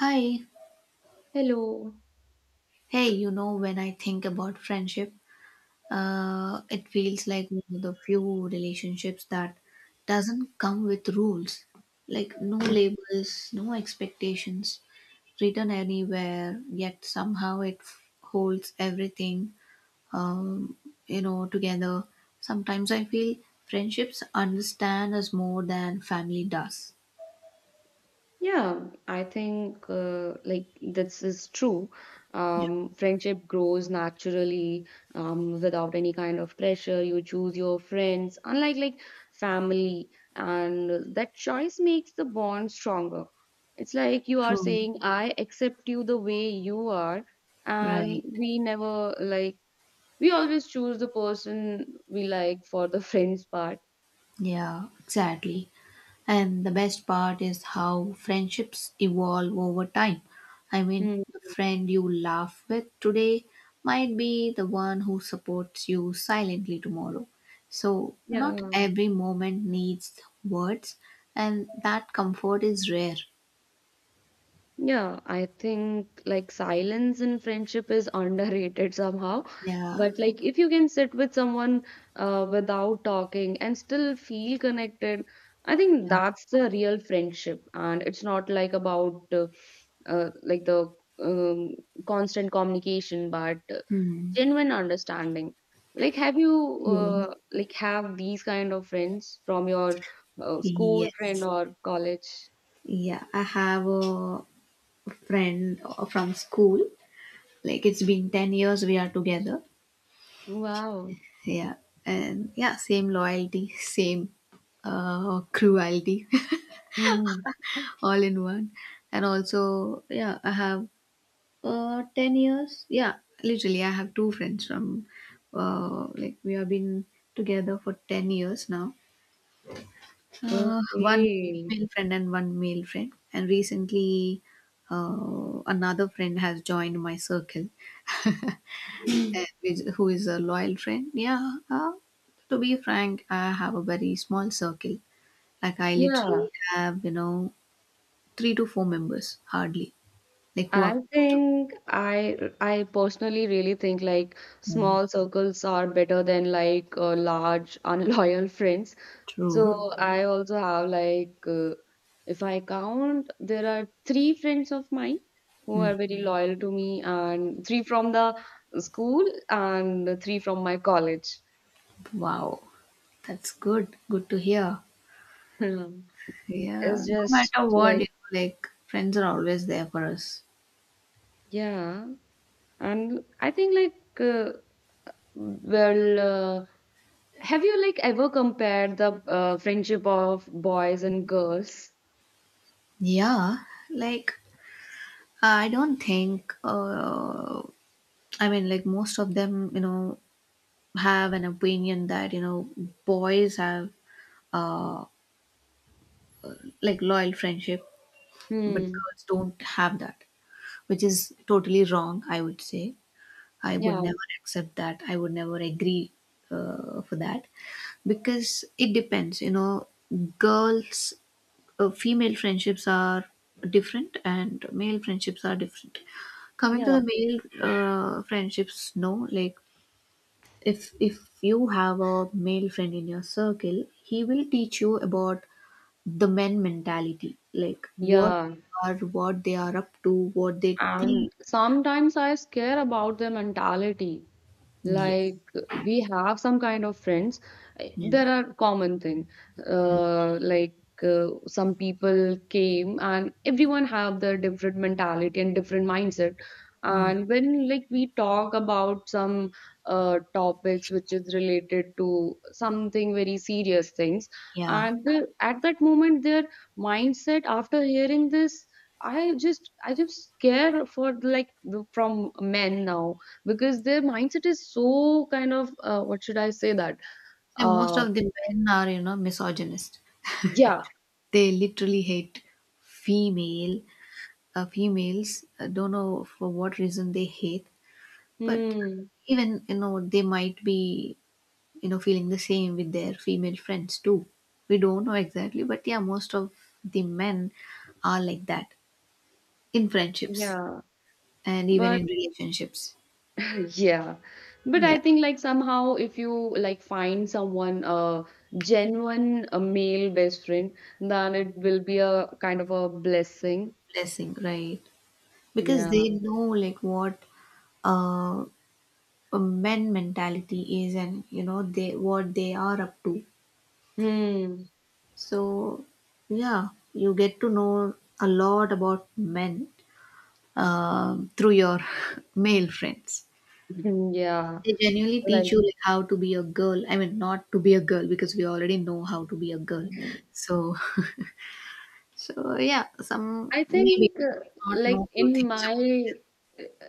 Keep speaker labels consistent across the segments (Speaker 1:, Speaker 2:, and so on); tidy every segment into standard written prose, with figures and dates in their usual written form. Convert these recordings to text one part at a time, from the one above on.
Speaker 1: Hi.
Speaker 2: Hello.
Speaker 1: Hey, you know, when I think about friendship, it feels like one of the few relationships that doesn't come with rules. Like no labels, no expectations, written anywhere, yet somehow it holds everything, um, together. Sometimes I feel friendships understand us more than family does.
Speaker 2: Yeah, I think like this is true.
Speaker 1: Yeah.
Speaker 2: Friendship grows naturally without any kind of pressure. You choose your friends, unlike like family, and that choice makes the bond stronger. It's like you are
Speaker 1: True.
Speaker 2: saying, I accept you the way you are, and
Speaker 1: Right.
Speaker 2: we never like we always choose the person we like for the friends part.
Speaker 1: Yeah, exactly. And the best part is how friendships evolve over time. I mean,
Speaker 2: Hmm.
Speaker 1: the friend you laugh with today might be the one who supports you silently tomorrow. So, not
Speaker 2: Yeah.
Speaker 1: every moment needs words, and that comfort is rare.
Speaker 2: Yeah, I think like silence in friendship is underrated somehow.
Speaker 1: Yeah.
Speaker 2: But like if you can sit with someone without talking and still feel connected, I think
Speaker 1: Yeah.
Speaker 2: that's the real friendship. And it's not like about like the um, constant communication, but
Speaker 1: Hmm.
Speaker 2: genuine understanding. Like, have you
Speaker 1: True.
Speaker 2: like have these kind of friends from your school friend
Speaker 1: Yes.
Speaker 2: or college?
Speaker 1: Yeah, I have a friend from school. Like, it's been 10 years we are together.
Speaker 2: Wow.
Speaker 1: Yeah, and yeah, same loyalty, same cruelty, all in one. And also, yeah, I have 10 years. Yeah, literally, I have two friends from like we have been together for 10 years now. One
Speaker 2: Okay.
Speaker 1: female friend and one male friend. And recently, another friend has joined my circle.
Speaker 2: Mm.
Speaker 1: Who is a loyal friend. Yeah, to be frank, I have a very small circle. Like I
Speaker 2: Yeah,
Speaker 1: literally have, you know, three to four members, hardly. Like who are
Speaker 2: I
Speaker 1: close to.
Speaker 2: think I personally really think like
Speaker 1: Mm,
Speaker 2: small circles are better than like large unloyal friends. So,
Speaker 1: true.
Speaker 2: mhm, I also have like, if I count, there are three friends of mine who are
Speaker 1: Mm,
Speaker 2: very, mhm, loyal to me, and three from the school and three from my college.
Speaker 1: wow, that's good. Good to hear. Yeah,
Speaker 2: It's
Speaker 1: no
Speaker 2: just
Speaker 1: matter what,
Speaker 2: like,
Speaker 1: you know, like friends are always there for us.
Speaker 2: yeah, and I think like well. Have you like ever compared the friendship of boys and girls?
Speaker 1: Yeah, like I don't think. I mean, like most of them, you know, have an opinion that you know boys have uh, like loyal friendship, but
Speaker 2: Hmm.
Speaker 1: girls don't have that, which is totally wrong, I would say. I would
Speaker 2: Yeah.
Speaker 1: never accept that. I would never agree for that because it depends, you know, girls, female friendships are different and male friendships are different. Coming to the
Speaker 2: Yeah.
Speaker 1: male friendships, no, like if you have a male friend in your circle, he will teach you about the men mentality like what
Speaker 2: Yeah.
Speaker 1: they are, what they are up to, what they think.
Speaker 2: And sometimes I scare about their mentality. Like
Speaker 1: Yes.
Speaker 2: we have some kind of friends.
Speaker 1: Yeah.
Speaker 2: There are common thing. Like some people came and everyone have their different mentality and different mindset.
Speaker 1: Mm.
Speaker 2: And when like we talk about some topics which is related to something very serious things,
Speaker 1: Yeah,
Speaker 2: and at that moment their mindset after hearing this, I just care for like from men now because their mindset is so kind of what should I say that
Speaker 1: so most
Speaker 2: uh
Speaker 1: of the men are, you know, misogynist.
Speaker 2: yeah,
Speaker 1: They literally hate female, females. I don't know for what reason they hate, but
Speaker 2: hmm,
Speaker 1: even you know they might be, you know, feeling the same with their female friends too. We don't know exactly, but yeah, most of the men are like that in friendships
Speaker 2: yeah,
Speaker 1: and even
Speaker 2: but
Speaker 1: in relationships.
Speaker 2: yeah, but
Speaker 1: Yeah.
Speaker 2: I think like somehow if you like find someone a genuine a male best friend then it will be a kind of a blessing.
Speaker 1: Blessing, right? Because
Speaker 2: Yeah.
Speaker 1: they know like what uh, a men mentality is and you know they, what they are up to.
Speaker 2: Hmm.
Speaker 1: So yeah, you get to know a lot about men through your male friends.
Speaker 2: Yeah,
Speaker 1: They genuinely
Speaker 2: like
Speaker 1: teach you like how to be a girl, I mean not to be a girl because we already know how to be a girl. So so yeah, some
Speaker 2: I
Speaker 1: maybe
Speaker 2: think,
Speaker 1: not know
Speaker 2: like
Speaker 1: good
Speaker 2: in
Speaker 1: things about.
Speaker 2: my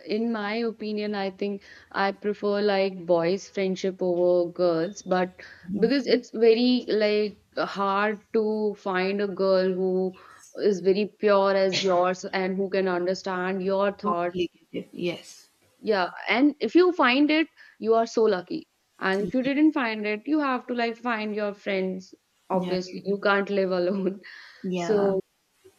Speaker 2: in my opinion, I think I prefer like boys' friendship over girls, but because it's very like hard to find a girl who
Speaker 1: Yes,
Speaker 2: is very pure as yours and who can understand your thoughts.
Speaker 1: totally get it. Yes.
Speaker 2: Yeah, and if you find it, you are so lucky. And if you
Speaker 1: Yes.
Speaker 2: didn't find it, you have to like find your friends.
Speaker 1: Yeah.
Speaker 2: Obviously, you can't live alone.
Speaker 1: Yeah.
Speaker 2: So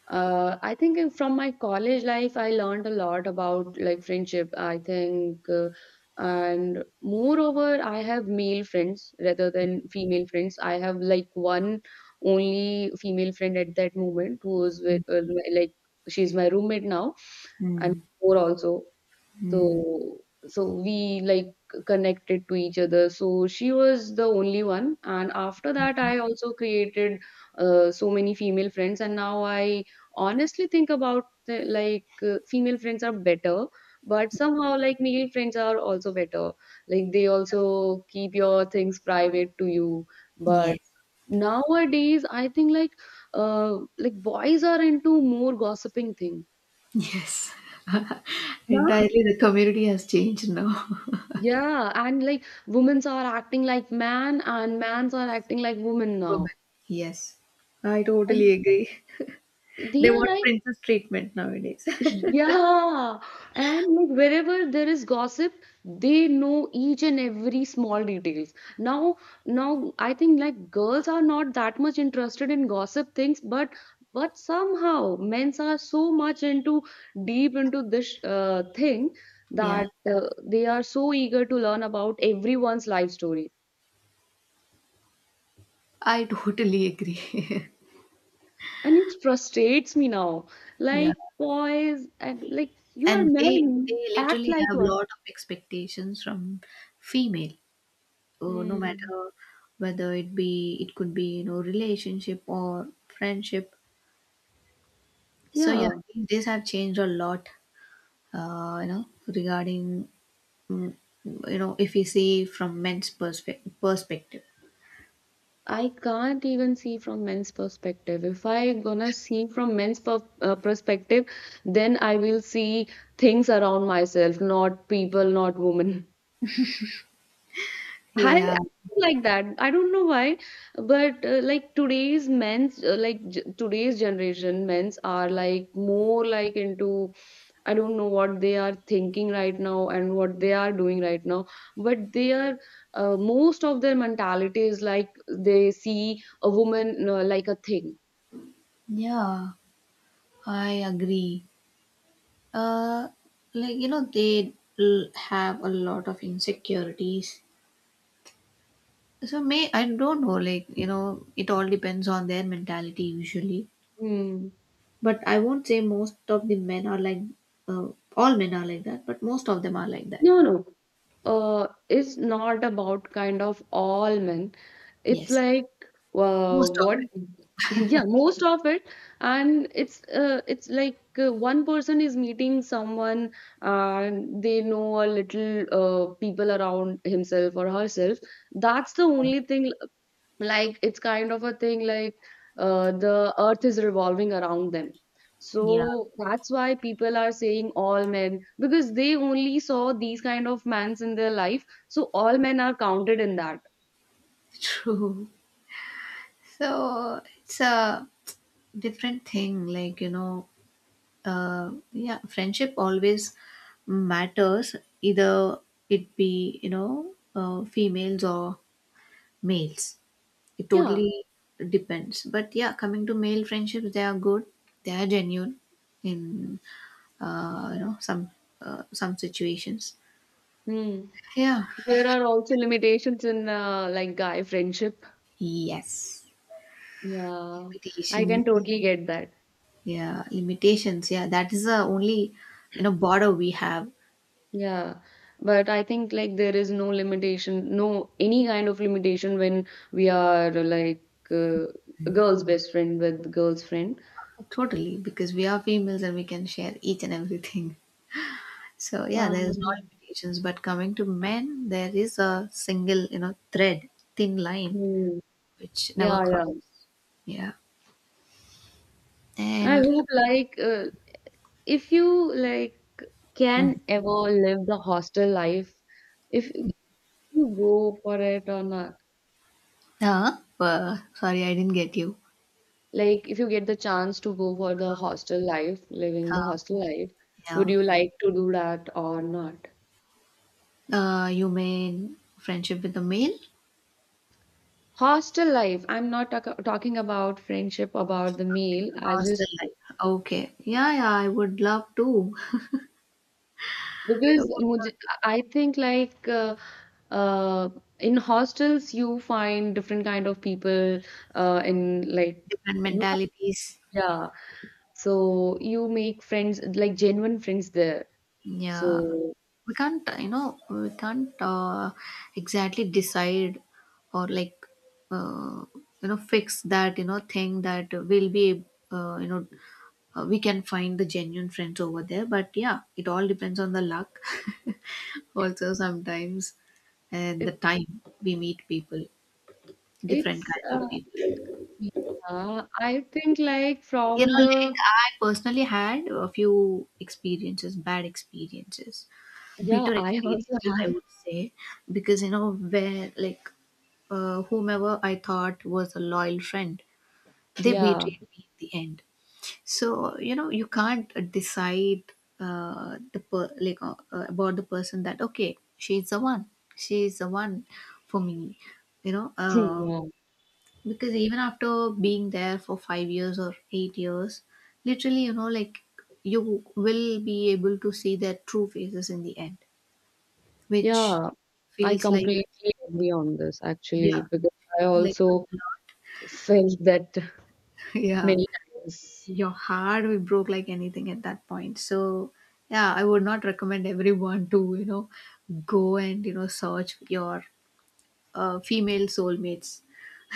Speaker 2: I think from my college life, I learned a lot about like friendship. I think, and moreover, I have male friends rather than female friends. I have like one only female friend at that moment who is with like she's my roommate now and
Speaker 1: Mm.
Speaker 2: more also.
Speaker 1: Mm.
Speaker 2: So we connected to each other. So she was the only one, and after that, I also created so many female friends, and now I honestly think about like female friends are better. But somehow, like male friends are also better. Like they also keep your things private to you. But
Speaker 1: Yes.
Speaker 2: nowadays, I think like boys are into more gossiping thing.
Speaker 1: Yes. Entirely the community has changed now.
Speaker 2: Yeah, and like women's are acting like man and mans are acting like women
Speaker 1: Women.
Speaker 2: now.
Speaker 1: Yes. I totally
Speaker 2: And
Speaker 1: agree.
Speaker 2: they
Speaker 1: They
Speaker 2: are
Speaker 1: want
Speaker 2: like,
Speaker 1: princess treatment nowadays.
Speaker 2: yeah. And like wherever there is gossip, they know each and every small details. Now I think like girls are not that much interested in gossip things, but somehow men's are so much into deep into this thing
Speaker 1: Yeah.
Speaker 2: that they are so eager to learn about everyone's life story.
Speaker 1: I totally agree.
Speaker 2: And it frustrates me now.
Speaker 1: Yeah.
Speaker 2: Like, boys, and like, you are
Speaker 1: And they
Speaker 2: men,
Speaker 1: they
Speaker 2: act
Speaker 1: literally
Speaker 2: like
Speaker 1: have
Speaker 2: one.
Speaker 1: lot of expectations from female. Oh, no
Speaker 2: Mm.
Speaker 1: matter whether it be, it could be, you know, relationship or friendship. So yeah,
Speaker 2: Yeah,
Speaker 1: these days have changed a lot. You know, regarding mm, you know, if we see from men's perspective, perspective.
Speaker 2: I can't even see from men's perspective. If I gonna see from men's perspective, then I will see things around myself, not people, not women. I think
Speaker 1: Yeah,
Speaker 2: like that. I don't know why, but like today's men's, like j today's generation, men's are like more like into I don't know what they are thinking right now and what they are doing right now, but they are most of their mentality is like they see a woman like a thing.
Speaker 1: yeah, I agree. Uh, like you know, they have a lot of insecurities. So may I don't know, like you know, it all depends on their mentality usually.
Speaker 2: Hmm.
Speaker 1: But I won't say most of the men are like, uh, all men are like that, but most of them are like that.
Speaker 2: No, no. It's not about kind of all men. It's
Speaker 1: Yes,
Speaker 2: like
Speaker 1: most of
Speaker 2: what?
Speaker 1: it.
Speaker 2: Yeah, most of it, and it's like one person is meeting someone, and they know a little people around himself or herself. That's the only thing. Like it's kind of a thing like the earth is revolving around them.
Speaker 1: Yeah.
Speaker 2: So that's why people are saying all men because they only saw these kind of mans in their life. So all men are counted in that.
Speaker 1: True. So it's a different thing. Like, you know, yeah, friendship always matters, either it be, you know, females or males. It
Speaker 2: Yeah.
Speaker 1: totally depends. But yeah, coming to male friendships, they are good, they are genuine in, you know, some situations.
Speaker 2: Hmm.
Speaker 1: Yeah.
Speaker 2: There are also limitations in like guy friendship.
Speaker 1: Yes.
Speaker 2: Yeah, I
Speaker 1: Invitation.
Speaker 2: can totally get that.
Speaker 1: Yeah, limitations. Yeah, that is the only you know border we have.
Speaker 2: Yeah, but I think like there is no limitation, no any kind of limitation when we are like uh, a girl's best friend with girl's friend.
Speaker 1: Totally, because we are females and we can share each and everything. So yeah, there is no
Speaker 2: Um,
Speaker 1: limitations. But coming to men, there is a single you know thread, thin line
Speaker 2: hmm,
Speaker 1: which never
Speaker 2: yeah,
Speaker 1: cross.
Speaker 2: yeah.
Speaker 1: Yeah,
Speaker 2: I
Speaker 1: and
Speaker 2: hope like if you like
Speaker 1: Mhm.
Speaker 2: can ever live the hostel life, if you go for it or not.
Speaker 1: Sorry, I didn't get you.
Speaker 2: Like, if you get the chance to go for the hostel life, living the
Speaker 1: Uh,
Speaker 2: hostel life,
Speaker 1: yeah,
Speaker 2: would you like to do that or not?
Speaker 1: you mean friendship with a male?
Speaker 2: Hostel life, I'm not talking about friendship, about the meal. I
Speaker 1: Hostel
Speaker 2: just,
Speaker 1: life. Okay. Yeah, yeah, I would love to. I would
Speaker 2: because mujhe,
Speaker 1: love
Speaker 2: I think like, uh, in hostels, you find different kind of people, uh, in like,
Speaker 1: different
Speaker 2: you,
Speaker 1: mentalities.
Speaker 2: yeah. So you make friends, like genuine friends there.
Speaker 1: Yeah,
Speaker 2: So
Speaker 1: we can't, you know, we can't exactly decide or like, uh, you know, fix that, you know, thing that will be, you know, we can find the genuine friends over there. But yeah, it all depends on the luck. Also, sometimes, and the
Speaker 2: it,
Speaker 1: time we meet people, different
Speaker 2: it's
Speaker 1: kinds of people.
Speaker 2: yeah, I think like
Speaker 1: You know,
Speaker 2: from
Speaker 1: like
Speaker 2: the
Speaker 1: I personally had a few experiences, bad experiences,
Speaker 2: yeah,
Speaker 1: bitter
Speaker 2: I also
Speaker 1: experiences,
Speaker 2: have
Speaker 1: I would say, because you know, where like whomever I thought was a loyal friend, they
Speaker 2: yeah,
Speaker 1: betrayed me in the end. So you know, you can't decide the per- like about the person that okay, she's the one for me. You know,
Speaker 2: yeah,
Speaker 1: because even after being there for 5 years or 8 years, literally you know like you will be able to see their true faces in the end which
Speaker 2: yeah. I
Speaker 1: feels like,
Speaker 2: completely agree on this
Speaker 1: yeah,
Speaker 2: actually because I
Speaker 1: feels like
Speaker 2: also
Speaker 1: a
Speaker 2: felt that
Speaker 1: lot. Yeah,
Speaker 2: many times.
Speaker 1: your heart will broke like anything at that point. So yeah, I would not recommend everyone to, you know, go and you know search your female soulmates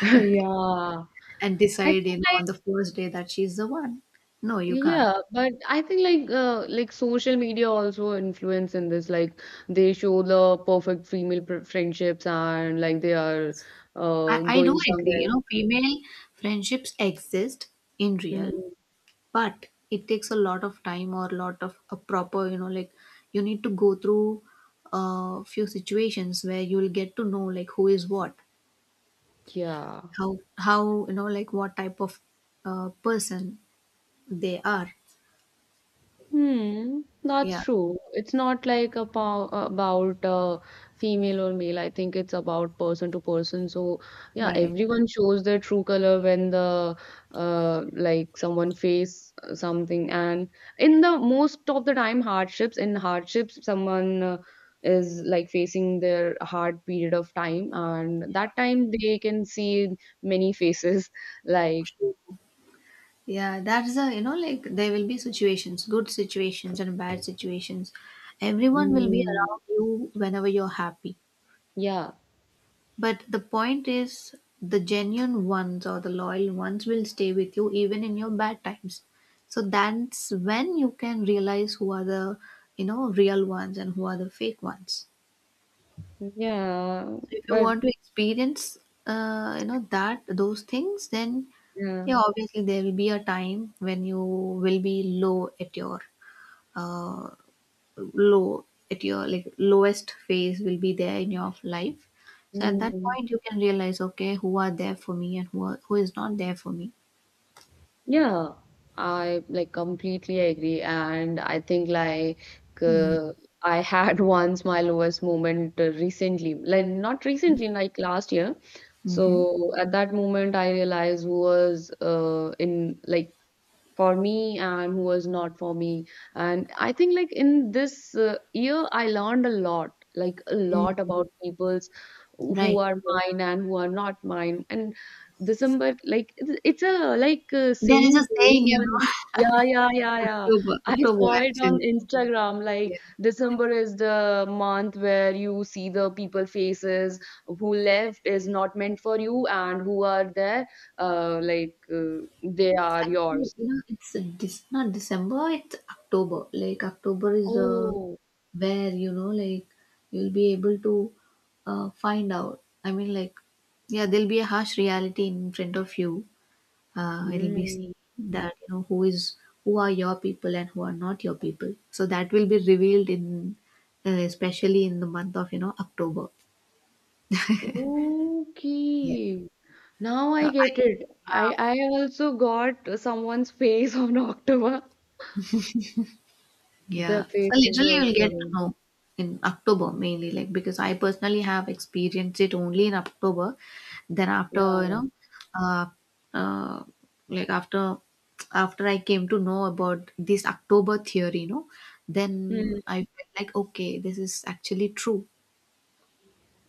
Speaker 2: Yeah,
Speaker 1: and
Speaker 2: I
Speaker 1: decide you
Speaker 2: think
Speaker 1: know
Speaker 2: like
Speaker 1: on the first day that she's the one. No, you can't.
Speaker 2: yeah, but I think like social media also influence in this. Like they show the perfect female pr friendships and like they are
Speaker 1: I do
Speaker 2: going
Speaker 1: agree.
Speaker 2: somewhere.
Speaker 1: You know, female friendships exist in real,
Speaker 2: Mm,
Speaker 1: but it takes a lot of time or a lot of a proper, you know, like you need to go through a few situations where you'll get to know like who is what,
Speaker 2: yeah.
Speaker 1: how, you know, like what type of person they are.
Speaker 2: Hmm, that's
Speaker 1: Yeah.
Speaker 2: true. It's not like a pow about female or male. I think it's about person to person. So yeah,
Speaker 1: Right.
Speaker 2: everyone shows their true color when the like someone face something. And in the most of the time hardships, in hardships, someone is like facing their hard period of time, and that time they can see many faces. Like,
Speaker 1: Yeah, that's a, you know, like there will be situations, good situations and bad situations. Everyone will be
Speaker 2: mm,
Speaker 1: around you whenever you're happy.
Speaker 2: yeah,
Speaker 1: But the point is, the genuine ones or the loyal ones will stay with you even in your bad times. So that's when you can realize who are the, you know, real ones and who are the fake ones.
Speaker 2: yeah,
Speaker 1: So if you
Speaker 2: but
Speaker 1: want to experience, you know, that those things, then
Speaker 2: yeah.
Speaker 1: yeah, obviously there will be a time when you will be uh, low at your like lowest phase will be there in your life. So at that
Speaker 2: Mm,
Speaker 1: point you can realize okay, who are there for me and who are, who is not there for me.
Speaker 2: yeah, I like completely agree, and I think like uh, I had once my lowest moment recently, like not recently, like last year.
Speaker 1: Mm-hmm.
Speaker 2: So at that moment, I realized who was in like for me and who was not for me, and I think like in this uh, year I learned a lot, like a
Speaker 1: Mm,
Speaker 2: lot about people's who
Speaker 1: right.
Speaker 2: are mine and who are not mine. And December, like it's a like a
Speaker 1: There is
Speaker 2: saying
Speaker 1: a saying,
Speaker 2: going
Speaker 1: you
Speaker 2: on.
Speaker 1: know,
Speaker 2: Yeah, yeah, yeah, yeah, I
Speaker 1: October
Speaker 2: saw it on
Speaker 1: actually.
Speaker 2: Instagram.
Speaker 1: Yeah.
Speaker 2: Like December is the month where you see the people faces who left is not meant for you and who are there, uh, like uh, they are
Speaker 1: Actually,
Speaker 2: yours.
Speaker 1: you know, not December, it's October. Like, October is the
Speaker 2: Oh,
Speaker 1: where, you know, like, you'll be able to find out. I mean, like, yeah, there'll be a harsh reality in front of you. It'll be seen
Speaker 2: mm,
Speaker 1: that you know who is, who are your people and who are not your people, so that will be revealed in, especially in the month of you know October. Yes.
Speaker 2: okay. Now
Speaker 1: So
Speaker 2: I
Speaker 1: I,
Speaker 2: get it.
Speaker 1: yeah.
Speaker 2: I also got someone's face on October.
Speaker 1: Yeah.
Speaker 2: The
Speaker 1: So
Speaker 2: faces
Speaker 1: literally
Speaker 2: are
Speaker 1: you'll get to
Speaker 2: given.
Speaker 1: know in October mainly, like because I personally have experienced it only in October. Then after, you
Speaker 2: Yeah.
Speaker 1: know, uh, uh, like after I came to know about this October theory, you know,
Speaker 2: Hmm.
Speaker 1: then I felt like okay, this is actually true.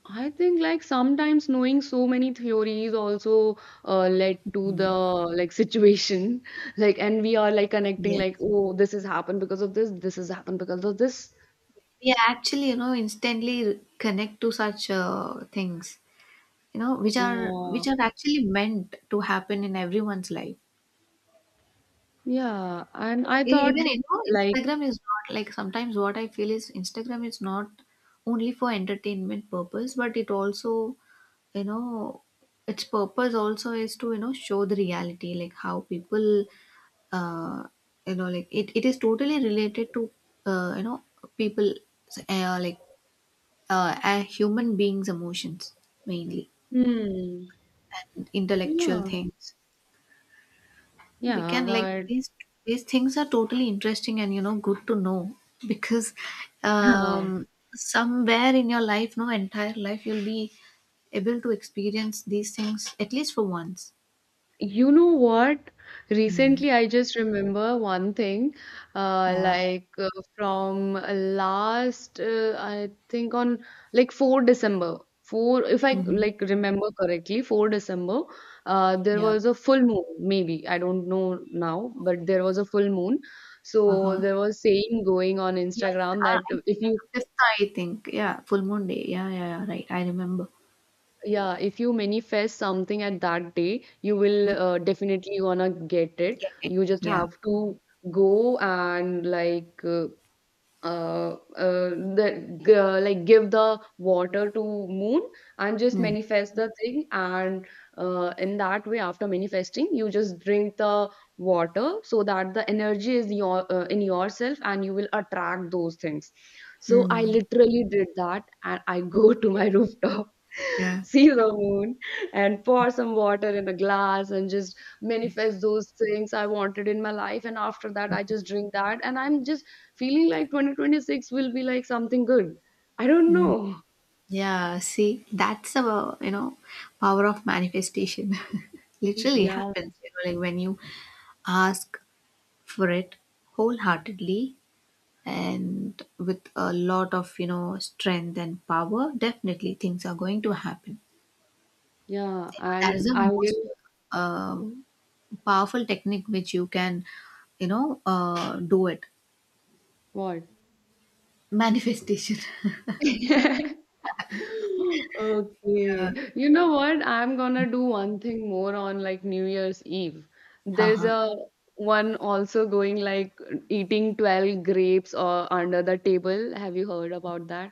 Speaker 2: I think like sometimes knowing so many theories also led to the like situation like and we are like connecting
Speaker 1: Yes.
Speaker 2: like oh this has happened because of this, this has happened because of this,
Speaker 1: Yeah, actually, you know, instantly connect to such things, you know, which are
Speaker 2: uh,
Speaker 1: which are actually meant to happen in everyone's life.
Speaker 2: yeah, and I
Speaker 1: Even
Speaker 2: thought
Speaker 1: you know,
Speaker 2: like,
Speaker 1: Instagram is not like, sometimes what I feel is Instagram is not only for entertainment purpose, but it also, you know, its purpose also is to, you know, show the reality, like how people, uh, you know, like it is totally related to, you know, people, like human beings' emotions mainly
Speaker 2: hmm,
Speaker 1: and intellectual
Speaker 2: yeah.
Speaker 1: things. We
Speaker 2: Yeah,
Speaker 1: can like
Speaker 2: but
Speaker 1: these things are totally interesting and you know good to know, because
Speaker 2: huh.
Speaker 1: um somewhere in your life, no, entire life you'll be able to experience these things at least for once.
Speaker 2: You know what?
Speaker 1: Mm.
Speaker 2: Recently, I just remember one thing, uh,
Speaker 1: Yeah.
Speaker 2: like uh, from last, I think on like December 4, 4, if I
Speaker 1: Mm-hmm.
Speaker 2: like remember correctly, December 4, there
Speaker 1: Yeah.
Speaker 2: was a full moon, maybe, I don't know now, but there was a full moon. So
Speaker 1: Uh-huh.
Speaker 2: there was saying going on
Speaker 1: Yes.
Speaker 2: Instagram that
Speaker 1: I think
Speaker 2: if you—
Speaker 1: fifth, I think yeah, full moon day. Yeah, yeah, yeah, right, I remember.
Speaker 2: yeah, if you manifest something at that day, you will
Speaker 1: Mm.
Speaker 2: definitely gonna get it.
Speaker 1: Get it.
Speaker 2: You just
Speaker 1: Yeah.
Speaker 2: have to go and like uh, uh, like give the water to moon and just
Speaker 1: Mm.
Speaker 2: manifest the thing, and in that way after manifesting you just drink the water so that the energy is your in yourself and you will attract those things. So I
Speaker 1: Mm.
Speaker 2: literally did that and I go to my rooftop
Speaker 1: Yeah.
Speaker 2: see the moon and pour some water in a glass and just manifest those things I wanted in my life, and after that I just drink that, and I'm just feeling like 2026 will be like something good. I don't
Speaker 1: mm.
Speaker 2: know.
Speaker 1: Yeah, see, that's the you know power of manifestation. Literally
Speaker 2: Yeah,
Speaker 1: happens, you know, like when you ask for it wholeheartedly and with a lot of you know strength and power, definitely things are going to happen.
Speaker 2: yeah.
Speaker 1: You know, that is
Speaker 2: And
Speaker 1: the
Speaker 2: I
Speaker 1: most
Speaker 2: will,
Speaker 1: um powerful technique which you can you know do it.
Speaker 2: what?
Speaker 1: Manifestation. Yeah.
Speaker 2: Okay. You know what? I'm gonna do one thing more on like New Year's Eve. There's
Speaker 1: Uh-huh.
Speaker 2: a one also going like eating 12 grapes or under the table. Have you heard about that?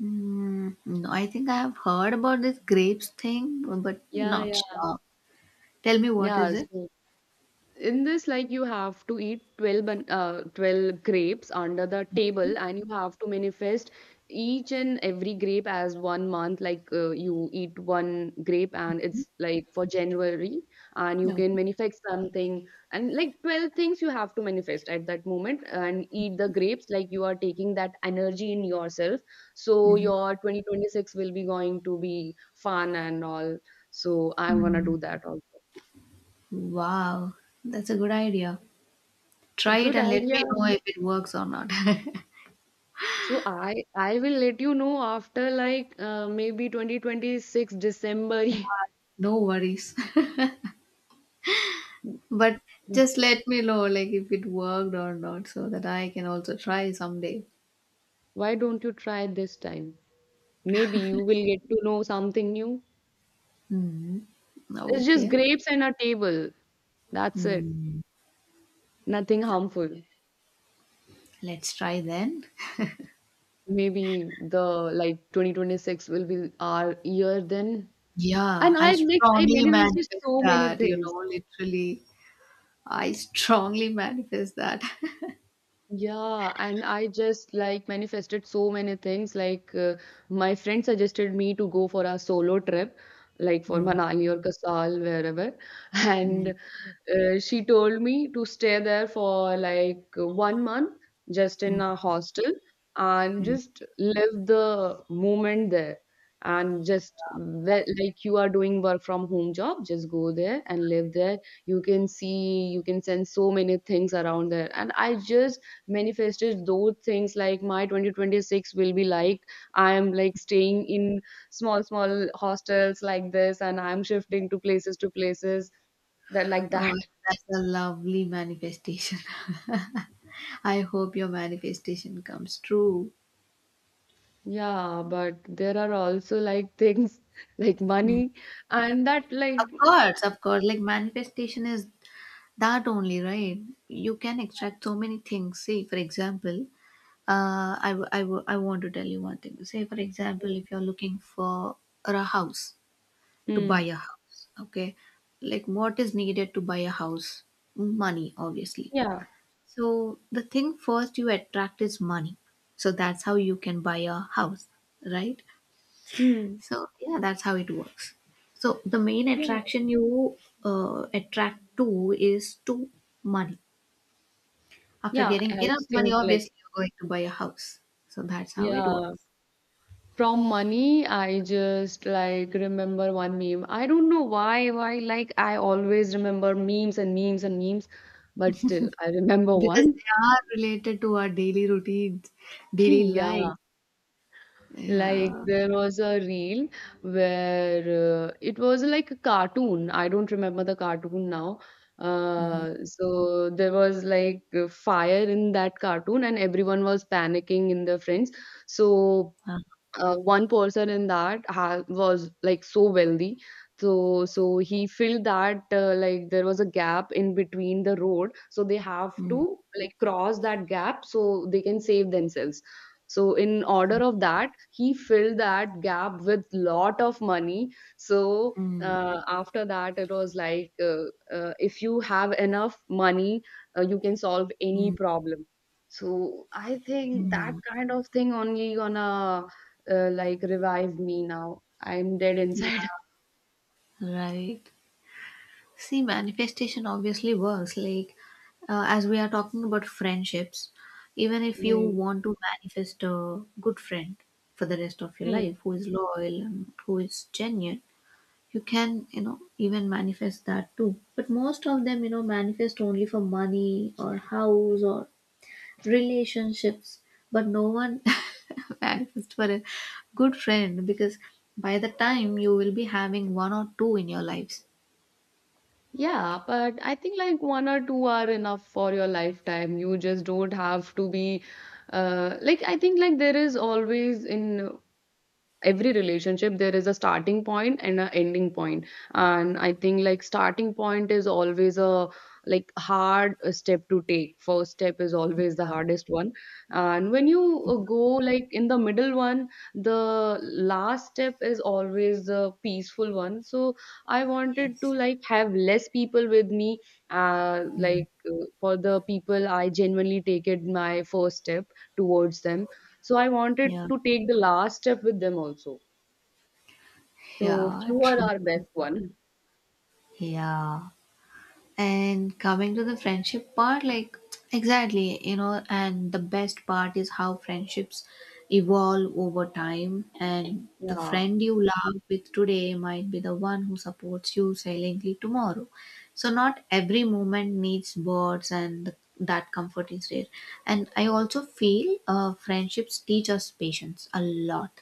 Speaker 1: Mm, no, I think I have heard about this grapes thing, but
Speaker 2: Yeah,
Speaker 1: not
Speaker 2: yeah.
Speaker 1: sure. Tell me what
Speaker 2: Yeah,
Speaker 1: is it?
Speaker 2: so in this like you have to eat 12 grapes under the table, and you have to manifest each and every grape as one month. Like, you eat one grape and it's like for january, and you
Speaker 1: No.
Speaker 2: can manifest something, and like 12 things you have to manifest at that moment and eat the grapes like you are taking that energy in yourself, so
Speaker 1: Mhm.
Speaker 2: your 2026 will be going to be fun and all. So I'm gonna
Speaker 1: Mm.
Speaker 2: do that also.
Speaker 1: Wow, that's a good idea. Try it
Speaker 2: Good
Speaker 1: and let
Speaker 2: idea.
Speaker 1: me know if it works or not.
Speaker 2: So I will let you know after like maybe 2026 December.
Speaker 1: No worries. But just let me know like if it worked or not so that I can also try someday.
Speaker 2: Why don't you try this time? Maybe you will get to know something new.
Speaker 1: Hmm.
Speaker 2: It's just
Speaker 1: Okay.
Speaker 2: grapes and a table. That's it.
Speaker 1: Hmm.
Speaker 2: Nothing harmful.
Speaker 1: Let's try then.
Speaker 2: Maybe the like 2026 will be our year then.
Speaker 1: Yeah,
Speaker 2: And
Speaker 1: I
Speaker 2: I
Speaker 1: strongly
Speaker 2: manifested
Speaker 1: manifest
Speaker 2: so many
Speaker 1: that,
Speaker 2: things.
Speaker 1: literally. I strongly manifest that.
Speaker 2: Yeah, and I just like manifested so many things. Like, my friend suggested me to go for a solo trip, like for
Speaker 1: Mm,
Speaker 2: Manali or Kasal, wherever. And
Speaker 1: mm,
Speaker 2: she told me to stay there for like one month, just
Speaker 1: mm,
Speaker 2: in a hostel, and
Speaker 1: mm.
Speaker 2: just live the moment there. And just like you are doing work from home job, just go there and live there. You can see, you can sense so many things around there. And I just manifested those things like my 2026 will be like I am like staying in small, small hostels like this, and I'm shifting to places that like
Speaker 1: Oh,
Speaker 2: that.
Speaker 1: that's a lovely manifestation. I hope your manifestation comes true.
Speaker 2: Yeah, but there are also like things like
Speaker 1: Mm.
Speaker 2: money and that
Speaker 1: Of
Speaker 2: like
Speaker 1: course, of course. Like, manifestation is that only, right? You can extract so many things. Say, for example, I want to tell you one thing. Say, for example, if you're looking for a house, to buy
Speaker 2: mm,
Speaker 1: a house, okay? Like, what is needed to buy a house? Money, obviously.
Speaker 2: yeah.
Speaker 1: So the thing first you attract is money. So that's how you can buy a house, right?
Speaker 2: Mm,
Speaker 1: So yeah, that's how it works. So the main
Speaker 2: yeah.
Speaker 1: attraction you attract to is to money. After
Speaker 2: Yeah,
Speaker 1: getting
Speaker 2: I
Speaker 1: enough money,
Speaker 2: think like
Speaker 1: obviously you're going to buy a house. So that's how it
Speaker 2: yeah.
Speaker 1: works,
Speaker 2: From money, I just like remember one meme. I don't know why like I always remember memes and memes and memes, but still I remember
Speaker 1: because
Speaker 2: one.
Speaker 1: they are related to our daily routines, daily life.
Speaker 2: Yeah. Like
Speaker 1: Yeah.
Speaker 2: there was a reel where it was like a cartoon. I don't remember the cartoon now.
Speaker 1: Mhm.
Speaker 2: So there was like a fire in that cartoon, and everyone was panicking in their friends. So
Speaker 1: Uh,
Speaker 2: one person in was like so wealthy, so he felt that like there was a gap in between the road, so they have
Speaker 1: mm,
Speaker 2: to like cross that gap so they can save themselves, so in order
Speaker 1: mm,
Speaker 2: of that he filled that gap with lot of money. So
Speaker 1: mm,
Speaker 2: after that it was like if you have enough money, you can solve any
Speaker 1: mm,
Speaker 2: problem. So I think that
Speaker 1: mm.
Speaker 2: kind of thing only gonna like revive me now. I'm dead inside.
Speaker 1: Yeah. Right. See, manifestation obviously works. Like, as we are talking about friendships, even if you
Speaker 2: Mm.
Speaker 1: want to manifest a good friend for the rest of your
Speaker 2: Mm.
Speaker 1: life who is loyal and who is genuine, you can, even manifest that too. But most of them, manifest only for money or house or relationships, but no one manifest for a good friend, because by the time you will be having one or two in your lives.
Speaker 2: Yeah, but I think like one or two are enough for your lifetime. You just don't have to be like I think like there is always in every relationship there is a starting point and an ending point, and I think like starting point is always a like hard step to take. First step is always the hardest one, and when you go like in the middle one, the last step is always the peaceful one. So I wanted to
Speaker 1: Yes.
Speaker 2: like have less people with me,
Speaker 1: Mm.
Speaker 2: for the people I genuinely take it my first step towards them, so I wanted
Speaker 1: Yeah.
Speaker 2: to take the last step with them also. So
Speaker 1: Yeah,
Speaker 2: fewer
Speaker 1: true.
Speaker 2: are best one.
Speaker 1: Yeah. And coming to the friendship part, like, exactly, you know, and the best part is how friendships evolve over time. And the
Speaker 2: Yeah.
Speaker 1: friend you love with today might be the one who supports you silently tomorrow. So, not every moment needs words, and that comfort is rare. And I also feel friendships teach us patience a lot,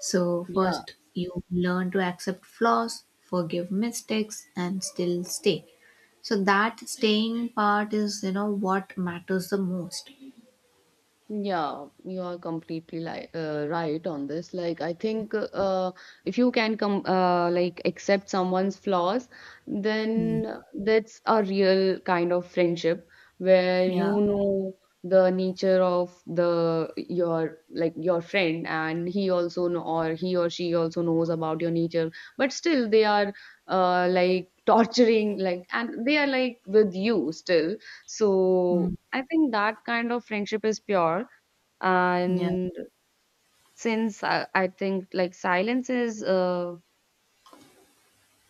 Speaker 1: so
Speaker 2: Yeah.
Speaker 1: first, you learn to accept flaws, forgive mistakes, and still stay. So, that staying part is, you know, what matters the most.
Speaker 2: Yeah, you are completely li right on this. Like, I think uh, if you can come like accept someone's flaws,
Speaker 1: Mm.
Speaker 2: then that's a real kind of friendship where
Speaker 1: Yeah.
Speaker 2: you know the nature of the your like your friend, and he also know or he or she also knows about your nature, but still they are like torturing like, and they are like with you still, so
Speaker 1: Mm.
Speaker 2: I think that kind of friendship is pure.
Speaker 1: Yeah.
Speaker 2: And since I think like silence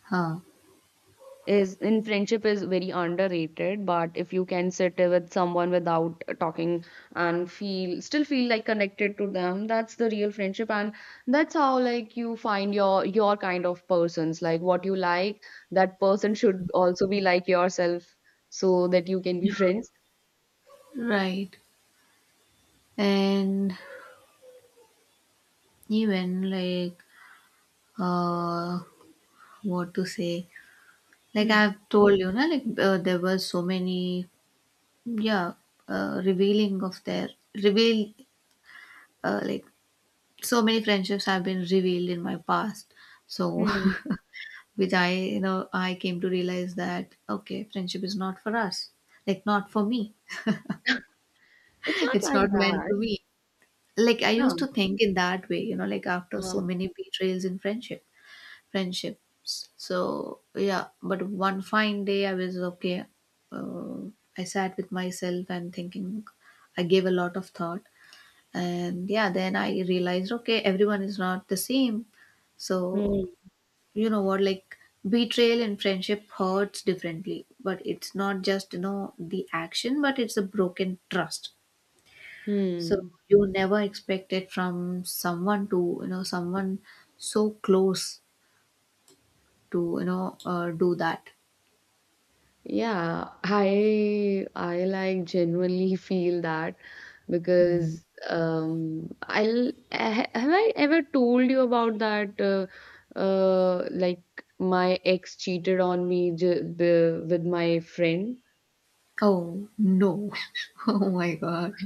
Speaker 1: Huh.
Speaker 2: is in friendship is very underrated, but if you can sit with someone without talking and feel still feel like connected to them, that's the real friendship, and that's how like you find your kind of persons. Like what you like, that person should also be like yourself, so that you can be friends.
Speaker 1: Right. And even like, uh, what to say? Like,
Speaker 2: Hmm.
Speaker 1: I've told you, na. Like, there were so many, yeah, revealing of their, reveal, like, so many friendships have been revealed in my past, so
Speaker 2: Hmm.
Speaker 1: which, I, you know, I came to realize that okay, friendship is not for us, like not for me.
Speaker 2: It's not
Speaker 1: It's
Speaker 2: like
Speaker 1: not meant
Speaker 2: that.
Speaker 1: to be. Like, I used
Speaker 2: No.
Speaker 1: to think in that way, you know, like after so
Speaker 2: Um,
Speaker 1: many betrayals in friendships, so yeah. But one fine day, I was okay, uh, I sat with myself and thinking, I gave a lot of thought, and yeah, then I realized okay, everyone is not the same. So,
Speaker 2: Hmm.
Speaker 1: you know what, like, betrayal in friendship hurts differently, but it's not just, you know, the action, but it's a broken trust. So,
Speaker 2: Hmm.
Speaker 1: you never expect it from someone, to you know, someone so close to, you know, do that.
Speaker 2: Yeah, I like genuinely feel that because have I ever told you about that like my ex cheated on me with my friend.
Speaker 1: Oh no. Oh my god.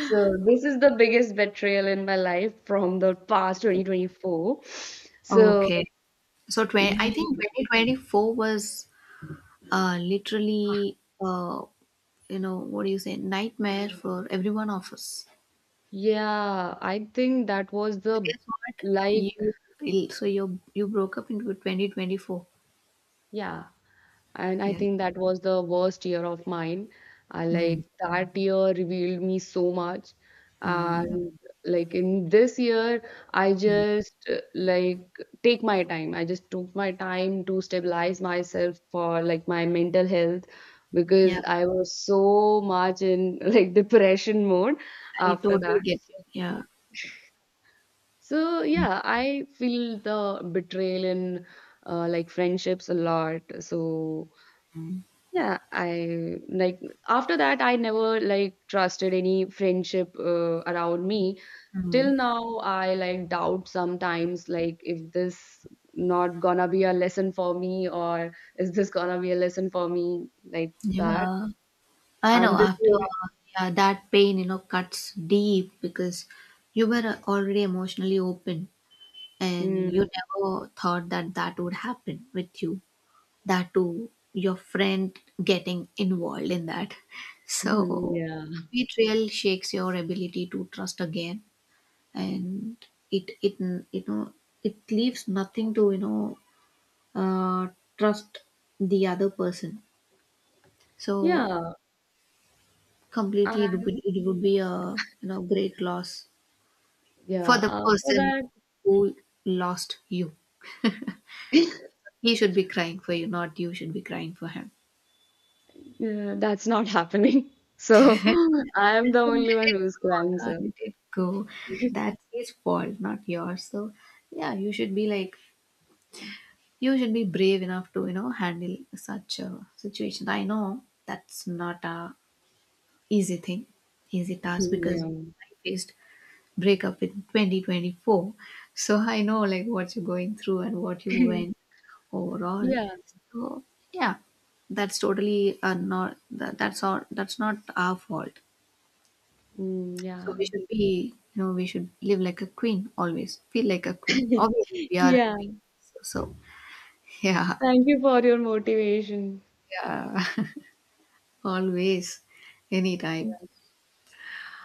Speaker 2: So this is the biggest betrayal in my life from the past 2024. So
Speaker 1: Okay, so 20, I think
Speaker 2: he,
Speaker 1: 2024 was literally, you know, what do you say, nightmare for every one of us.
Speaker 2: yeah, I think that was
Speaker 1: So
Speaker 2: the
Speaker 1: guess what?
Speaker 2: like
Speaker 1: You so you broke up into 2024.
Speaker 2: yeah. And I
Speaker 1: Yeah.
Speaker 2: think that was the worst year of mine. I
Speaker 1: Mm,
Speaker 2: like that year revealed me so much.
Speaker 1: mm,
Speaker 2: And like in this year, I
Speaker 1: mm.
Speaker 2: just like take my time. I just took my time to stabilize myself for like my mental health,
Speaker 1: Yeah,
Speaker 2: because I was so much in like depression mode
Speaker 1: I
Speaker 2: after
Speaker 1: totally
Speaker 2: that.
Speaker 1: get you. Yeah.
Speaker 2: So yeah, I feel the betrayal in like friendships a lot. So
Speaker 1: Mm,
Speaker 2: yeah, I like after that I never like trusted any friendship around me.
Speaker 1: mm.
Speaker 2: Till now I like doubt sometimes like if this not gonna be a lesson for me or is this gonna be a lesson for me like that.
Speaker 1: Yeah. I know
Speaker 2: And this
Speaker 1: after
Speaker 2: will be
Speaker 1: yeah, that pain, you know, cuts deep because you were already emotionally open and you
Speaker 2: mm,
Speaker 1: never thought that that would happen with you. That too, your friend getting involved in that. So
Speaker 2: mm, yeah.
Speaker 1: it really shakes your ability to trust again, and it, you know, it leaves nothing to, you know, uh, trust the other person. So
Speaker 2: Yeah.
Speaker 1: completely
Speaker 2: And
Speaker 1: it would be a, you know, great loss for
Speaker 2: yeah,
Speaker 1: the
Speaker 2: after
Speaker 1: person
Speaker 2: that
Speaker 1: who lost you. He should be crying for you, not you should be crying for him.
Speaker 2: yeah, that's not happening. So I am the
Speaker 1: So
Speaker 2: only
Speaker 1: let
Speaker 2: one
Speaker 1: it
Speaker 2: who's
Speaker 1: go,
Speaker 2: crying,
Speaker 1: darling,
Speaker 2: so
Speaker 1: let it go.
Speaker 2: yeah.
Speaker 1: That's his fault, not yours. So yeah, you should be like, you should be brave enough to, you know, handle such a situation. I know that's not a easy thing, easy task, because I faced breakup in 2024. So I know like what you're going through and what you went overall.
Speaker 2: Yeah.
Speaker 1: So yeah, that's totally not that, that's all, that's not our fault.
Speaker 2: Mm,
Speaker 1: So
Speaker 2: yeah.
Speaker 1: we should be, you know, we should live like a queen always, feel like a queen. Obviously we are a
Speaker 2: Yeah,
Speaker 1: queen. So, so yeah,
Speaker 2: thank you for your motivation.
Speaker 1: yeah, always, anytime.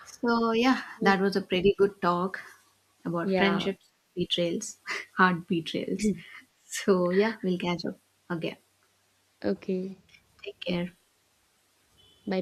Speaker 1: So yeah, that was a pretty good talk about
Speaker 2: Yeah.
Speaker 1: friendships, betrayals, hard betrayals. So yeah, we'll catch up again.
Speaker 2: Okay.
Speaker 1: Take care.
Speaker 2: Bye.